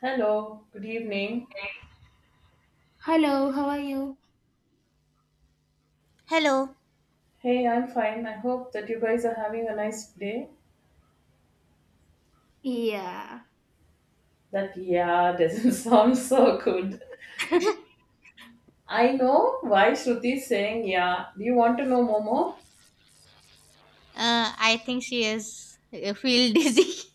Hello, good evening. Hello, how are you? Hello. Hey, I'm fine. I hope that you guys are having a nice day. Yeah. That yeah doesn't sound so good. I know why Shruti is saying yeah. Do you want to know Momo? I think she is feel dizzy.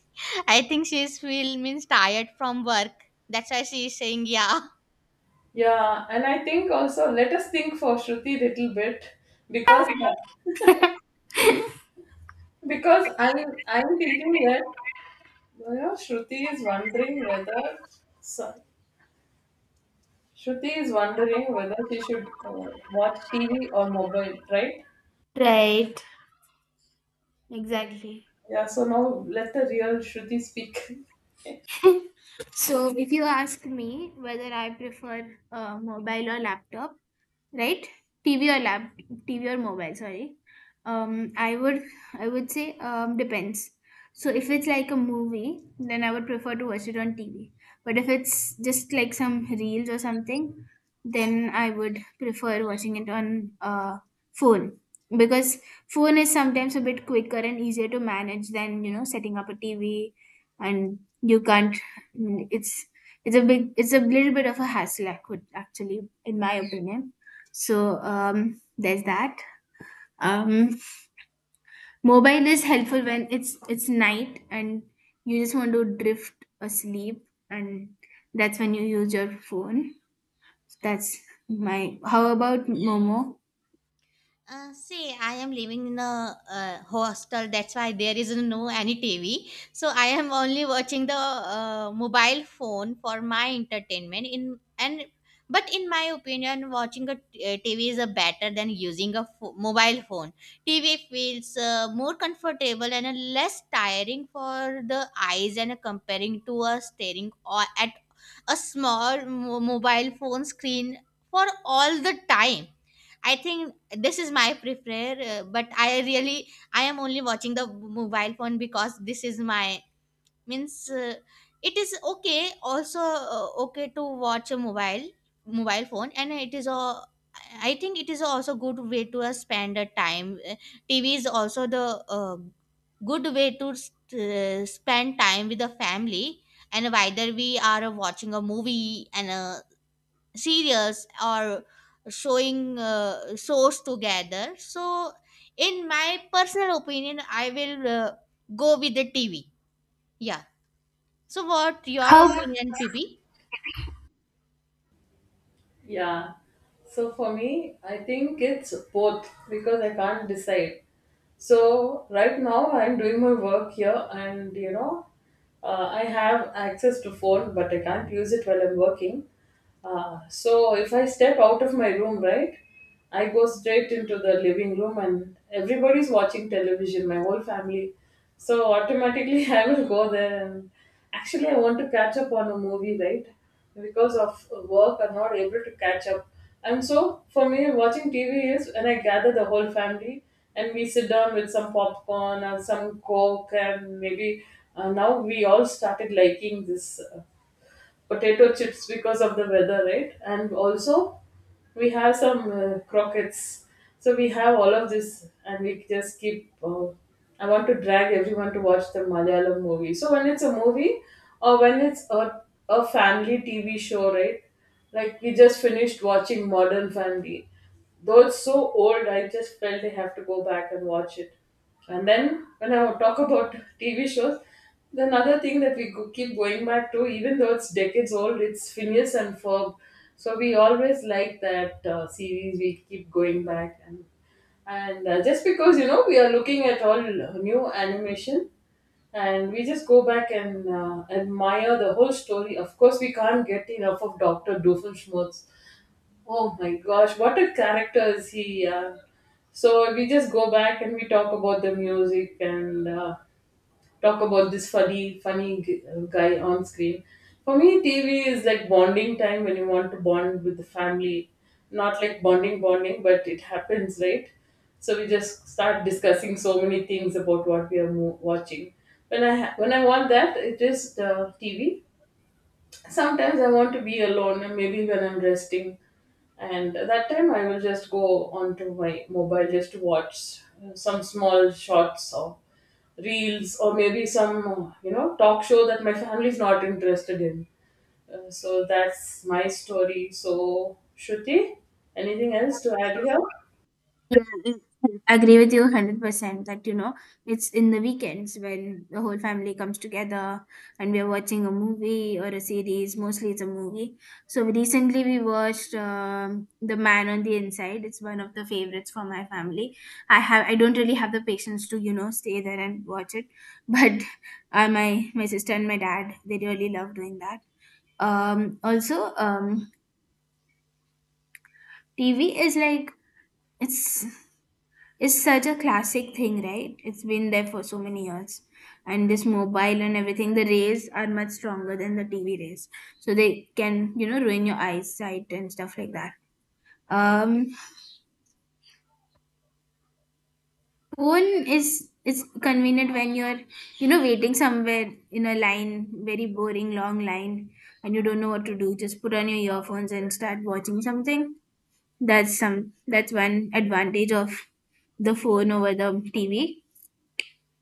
I think she is feel means tired from work. That's why she is saying yeah. Yeah, and I think also let us think for Shruti little bit because because I'm thinking that you know Shruti is wondering whether so, Shruti is wondering whether she should watch TV or mobile, right? Right, exactly. Yeah, so now let the real Shruti speak. So, if you ask me whether I prefer a mobile or laptop, right, tv or lap tv or mobile, sorry, um i would I would say, depends. So if it's like a movie, then I would prefer to watch it on tv, but if it's just like some reels or something, then I would prefer watching it on phone, because phone is sometimes a bit quicker and easier to manage than setting up a tv. And you can't, mm, it's it's a big, it's a little bit of a hassle, actually, in my opinion. So there's that. um, Mobile is helpful when it's night and you just want to drift asleep, and that's when you use your phone. That's my— how about momo? See, I am living in a hostel. That's why there is no any TV. So I am only watching the mobile phone for my entertainment. In and But in my opinion, watching TV is a better than using a mobile phone. TV feels more comfortable and less tiring for the eyes, and comparing to a staring or at a small mobile phone screen for all the time. I think this is my prefer, but I am only watching the mobile phone because this is my means it is okay also, okay to watch a mobile phone. And it is a, I think it is also good way to spend the time. TV is also the good way to spend time with the family, and whether we are watching a movie and serials or showing shows together. So in my personal opinion I will go with the TV, yeah. So what your How? opinion, PB? Yeah. So for me, I think it's both because I can't decide. So right now I'm doing my work here and you know I have access to phone but I can't use it while I'm working. So if I step out of my room, right, I go straight into the living room and everybody's watching television, my whole family. So automatically I will go there and actually I want to catch up on a movie, right? Because of work are not able to catch up, and so for me watching tv is when I gather the whole family, and we sit down with some popcorn and some coke and maybe now we all started liking this potato chips because of the weather, right? And also, we have some croquettes. So we have all of this, and we just keep. I want to drag everyone to watch the Malayalam movie. So when it's a movie, or when it's a family TV show, right? Like we just finished watching Modern Family. Though it's so old, I just felt I have to go back and watch it. And then when I talk about TV shows, the another thing that keep going back to, even though it's decades old, it's Phineas and Ferb. So we always like that series. We keep going back, and just because you know we are looking at all new animation, and we just go back and admire the whole story. Of course, we can't get enough of Doctor Doofenshmirtz. Oh my gosh, what a character is he! So we just go back and we talk about the music and talk about this funny, funny guy on screen. For me, TV is like bonding time when you want to bond with the family, not like bonding bonding, but it happens, right? So we just start discussing so many things about what we are watching. When when I want that, it is the TV. Sometimes I want to be alone, and maybe when I'm resting, and at that time I will just go onto my mobile just to watch some small shots or reels, or maybe some you know talk show that my family is not interested in. So that's my story. So Shruti, anything else to add here? Yeah, it- agree with you 100% that you know it's in the weekends when the whole family comes together and we're watching a movie or a series, mostly it's a movie. So recently we watched The Man on the Inside. It's one of the favorites for my family. I don't really have the patience to, you know, stay there and watch it, but my sister and my dad, they really love doing that. Also, tv is like, it's— it's such a classic thing, right? It's been there for so many years. And this mobile and everything, the rays are much stronger than the TV rays. So they can, you know, ruin your eyesight and stuff like that. Um, Phone is, it's convenient when you're, you know, waiting somewhere in a line, very boring, long line, and you don't know what to do. Just put on your earphones and start watching something. That's some, that's one advantage of the phone over the TV.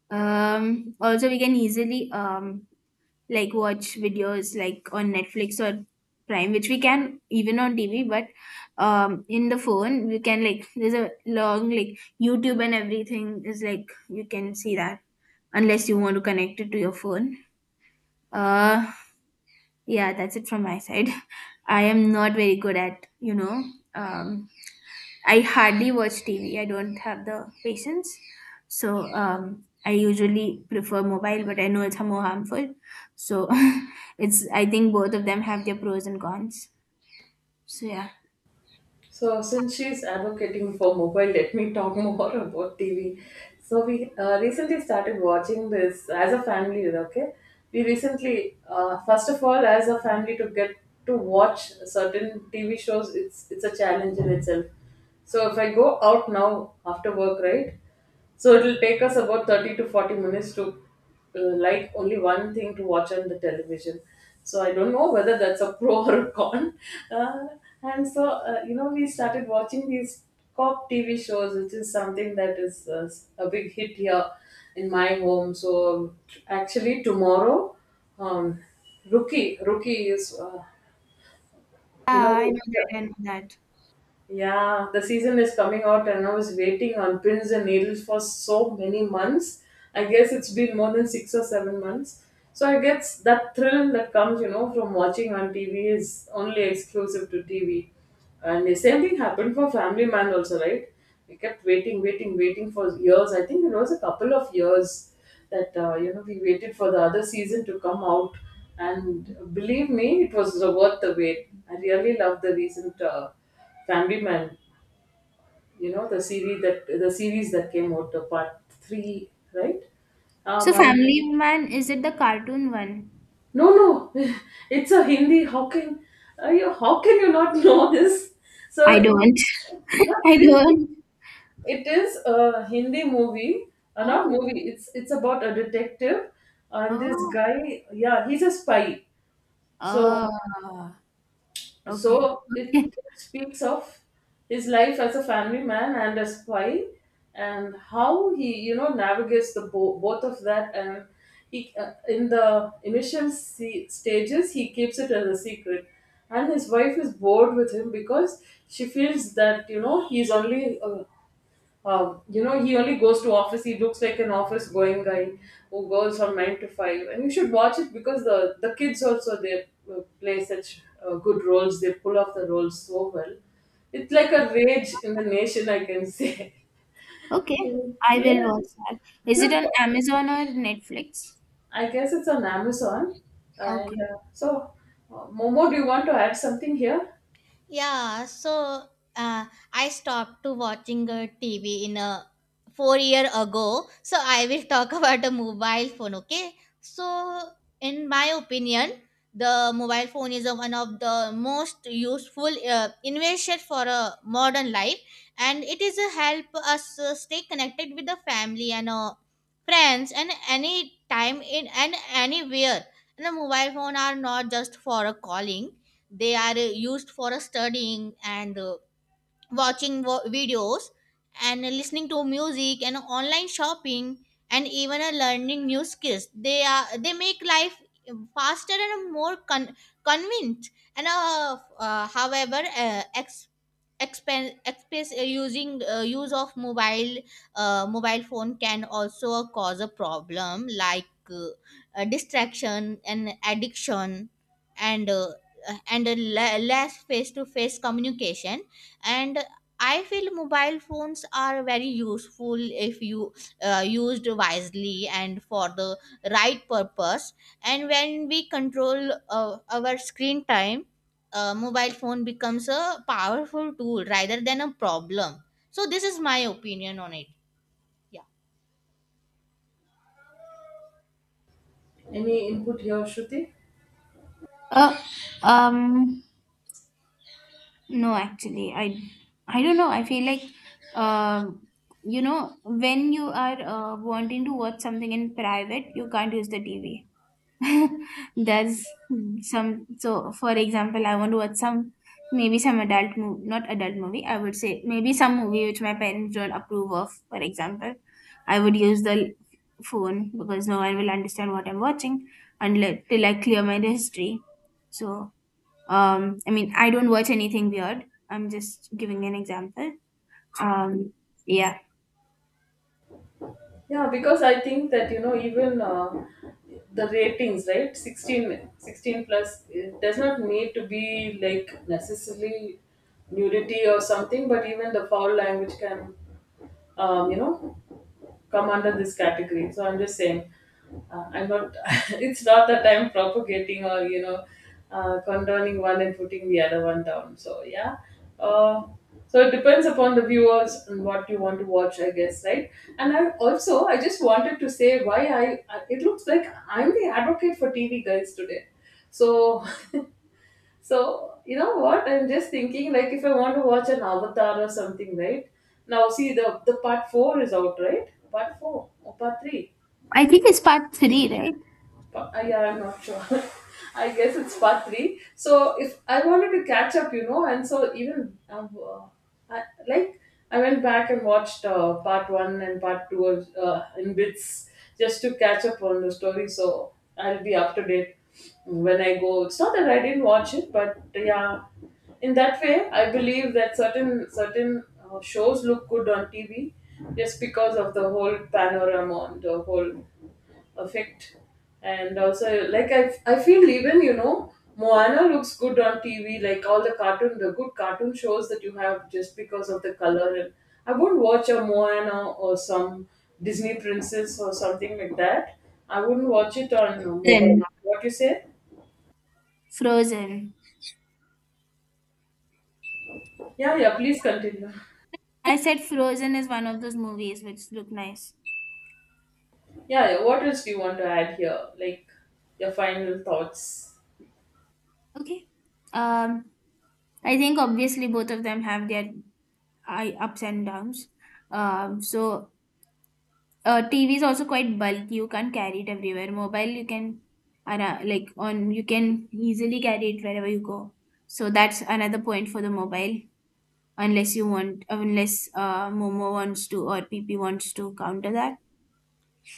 Also, we can easily like watch videos, like on Netflix or Prime, which we can even on TV, but in the phone we can like there's a long, like YouTube and everything, is like you can see that unless you want to connect it to your phone. Uh, yeah, that's it from my side. I am not very good at um I hardly watch TV. I don't have the patience. So I usually prefer mobile, but I know it's more harmful. So it's— I think both of them have their pros and cons. So yeah. So, since she's advocating for mobile, let me talk more about TV. So, we recently started watching this as a family, okay? We recently, first of all, as a family, to get to watch certain TV shows, it's a challenge in itself. So, if I go out now after work, right? So, it'll take us about 30 to 40 minutes to like only one thing to watch on the television. So I don't know whether that's a pro or a con. Uh, and so, you know, we started watching these cop TV shows, which is something that is a big hit here in my home. So actually, tomorrow, um, Rookie, Rookie is, Yeah, you know, I know that. I the- know that. yeah, the season is coming out, and I was waiting on pins and needles for so many months. I guess it's been more than 6 or 7 months. So I guess that thrill that comes, you know, from watching on TV is only exclusive to TV. And the same thing happened for Family Man also, right? We kept waiting, waiting, waiting for years. I think it was a couple of years that you know we waited for the other season to come out. And believe me, it was worth the wait. I really love the recent. Family Man, you know the series that came out, the part three, right? So And- Family Man, is it the cartoon one? no, no, it's a Hindi. How can are you? How can you not know this? I So, don't. no, I seriously, don't. it is a Hindi movie, not Oh. movie. It's about a detective and this Oh. guy. Yeah, he's a spy. So Oh. Okay. So it Okay. speaks of his life as a family man and a spy, and how he you know navigates the both of that. And he in the stages he keeps it as a secret, and his wife is bored with him because she feels that you know he's only you know, he only goes to office. He looks like an office-going guy who goes from 9 to 5. And you should watch it because the kids also they play such good roles. They pull off the roles so well. It's like a rage in the nation, I can say. Okay. I will watch Yeah, that. Is it on Amazon or Netflix? I guess it's on Amazon. And Okay. so, Momo, do you want to add something here? Yeah, so uh, I stopped to watching a TV in a 4 years ago. So I will talk about the mobile phone. Okay, so in my opinion, the mobile phone is a, one of the most useful invention for a modern life, and it is a help us stay connected with the family and friends and any time in and anywhere. And the mobile phone are not just for a calling, they are used for studying and watching videos and listening to music and online shopping and even learning new skills. They are, they make life faster and more convenient. And however ex- expense express using use of mobile phone can also cause a problem like uh, distraction and addiction, and less face to face communication. And I feel mobile phones are very useful if you used wisely and for the right purpose, and when we control our screen time, mobile phone becomes a powerful tool rather than a problem. So this is my opinion on it. Yeah. Any input here, Shruti? Uh, um, no, actually, I don't know. I feel like, um, you know, when you are wanting to watch something in private, you can't use the TV. There's some. So, for example, I want to watch some, maybe some adult movie, not adult movie. I would say maybe some movie which my parents don't approve of. For example, I would use the phone because no one will understand what I'm watching unless till I clear my history. So I mean, I don't watch anything weird. I'm just giving an example. Um, yeah, Yeah, because I think that you know even the ratings, right? 16, 16 plus it does not need to be like necessarily nudity or something, but even the foul language can, you know, come under this category. So I'm just saying, I'm not. It's not that I'm propagating or you know, condoning one and putting the other one down. So yeah. Uh, so it depends upon the viewers and what you want to watch, I guess, right? And I also I just wanted to say why I it looks like I'm the advocate for TV guys today. So So, you know what? I'm just thinking like if I want to watch an Avatar or something, right? Now see the part four is out, right? Part four or part three. I think it's part three, right? Yeah, I'm not sure. I guess it's part three. So if I wanted to catch up, you know, and so even I, like I went back and watched part one and part two of, in bits just to catch up on the story. So I'll be up to date when I go. It's not that I didn't watch it, but yeah, in that way, I believe that certain shows look good on TV just because of the whole panorama and the whole effect. And also like I feel even you know moana looks good on tv, like all the cartoon the good cartoon shows that you have just because of the color, and I wouldn't watch a moana or some disney princess or something like that. I wouldn't watch it on Then mobile. What you say? Frozen. Yeah, yeah, please continue. I said Frozen is one of those movies which look nice. Yeah, yeah, what else do you want to add here like your final thoughts? Okay. Um, I think obviously both of them have their ups and downs. So TV is also quite bulky. You can't carry it everywhere. Mobile, you can, like on— you can easily carry it wherever you go. So that's another point for the mobile. Unless you want— unless momo wants to or pp wants to counter that.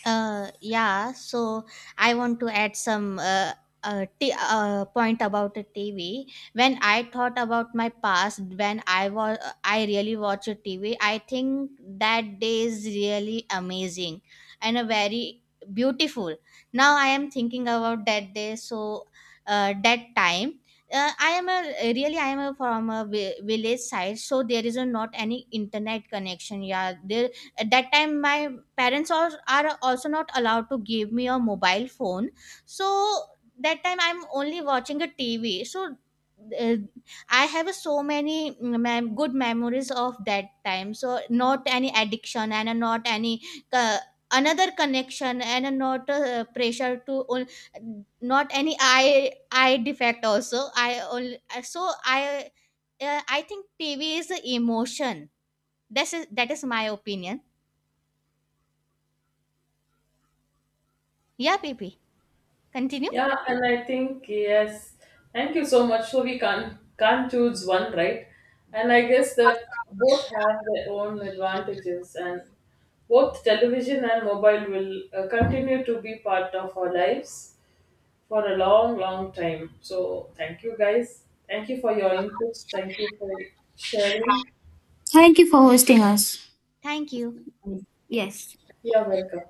Yeah, so I want to add some point about the TV. When I thought about my past, when I was I really watch a TV, I think that day is really amazing and a very beautiful. Now I am thinking about that day, so that time. I am a really, I am a, from a village side, so there is a, not any internet connection. Yeah, there at that time my parents are also not allowed to give me a mobile phone. So that time I'm only watching a TV. So uh, I have so many good memories of that time. So not any addiction, and not any uh, another connection, and not pressure to not any eye defect also I only. So I, I think TV is a emotion. That's is, that is my opinion. Yeah, PP, continue. Yeah, and I think yes. Thank you so much. So we can't choose one, right? And I guess that both have their own advantages, and both television and mobile will continue to be part of our lives for a long, long time. So thank you, guys. Thank you for your inputs. Thank you for sharing. Thank you for hosting us. Thank you. Yes. You're welcome.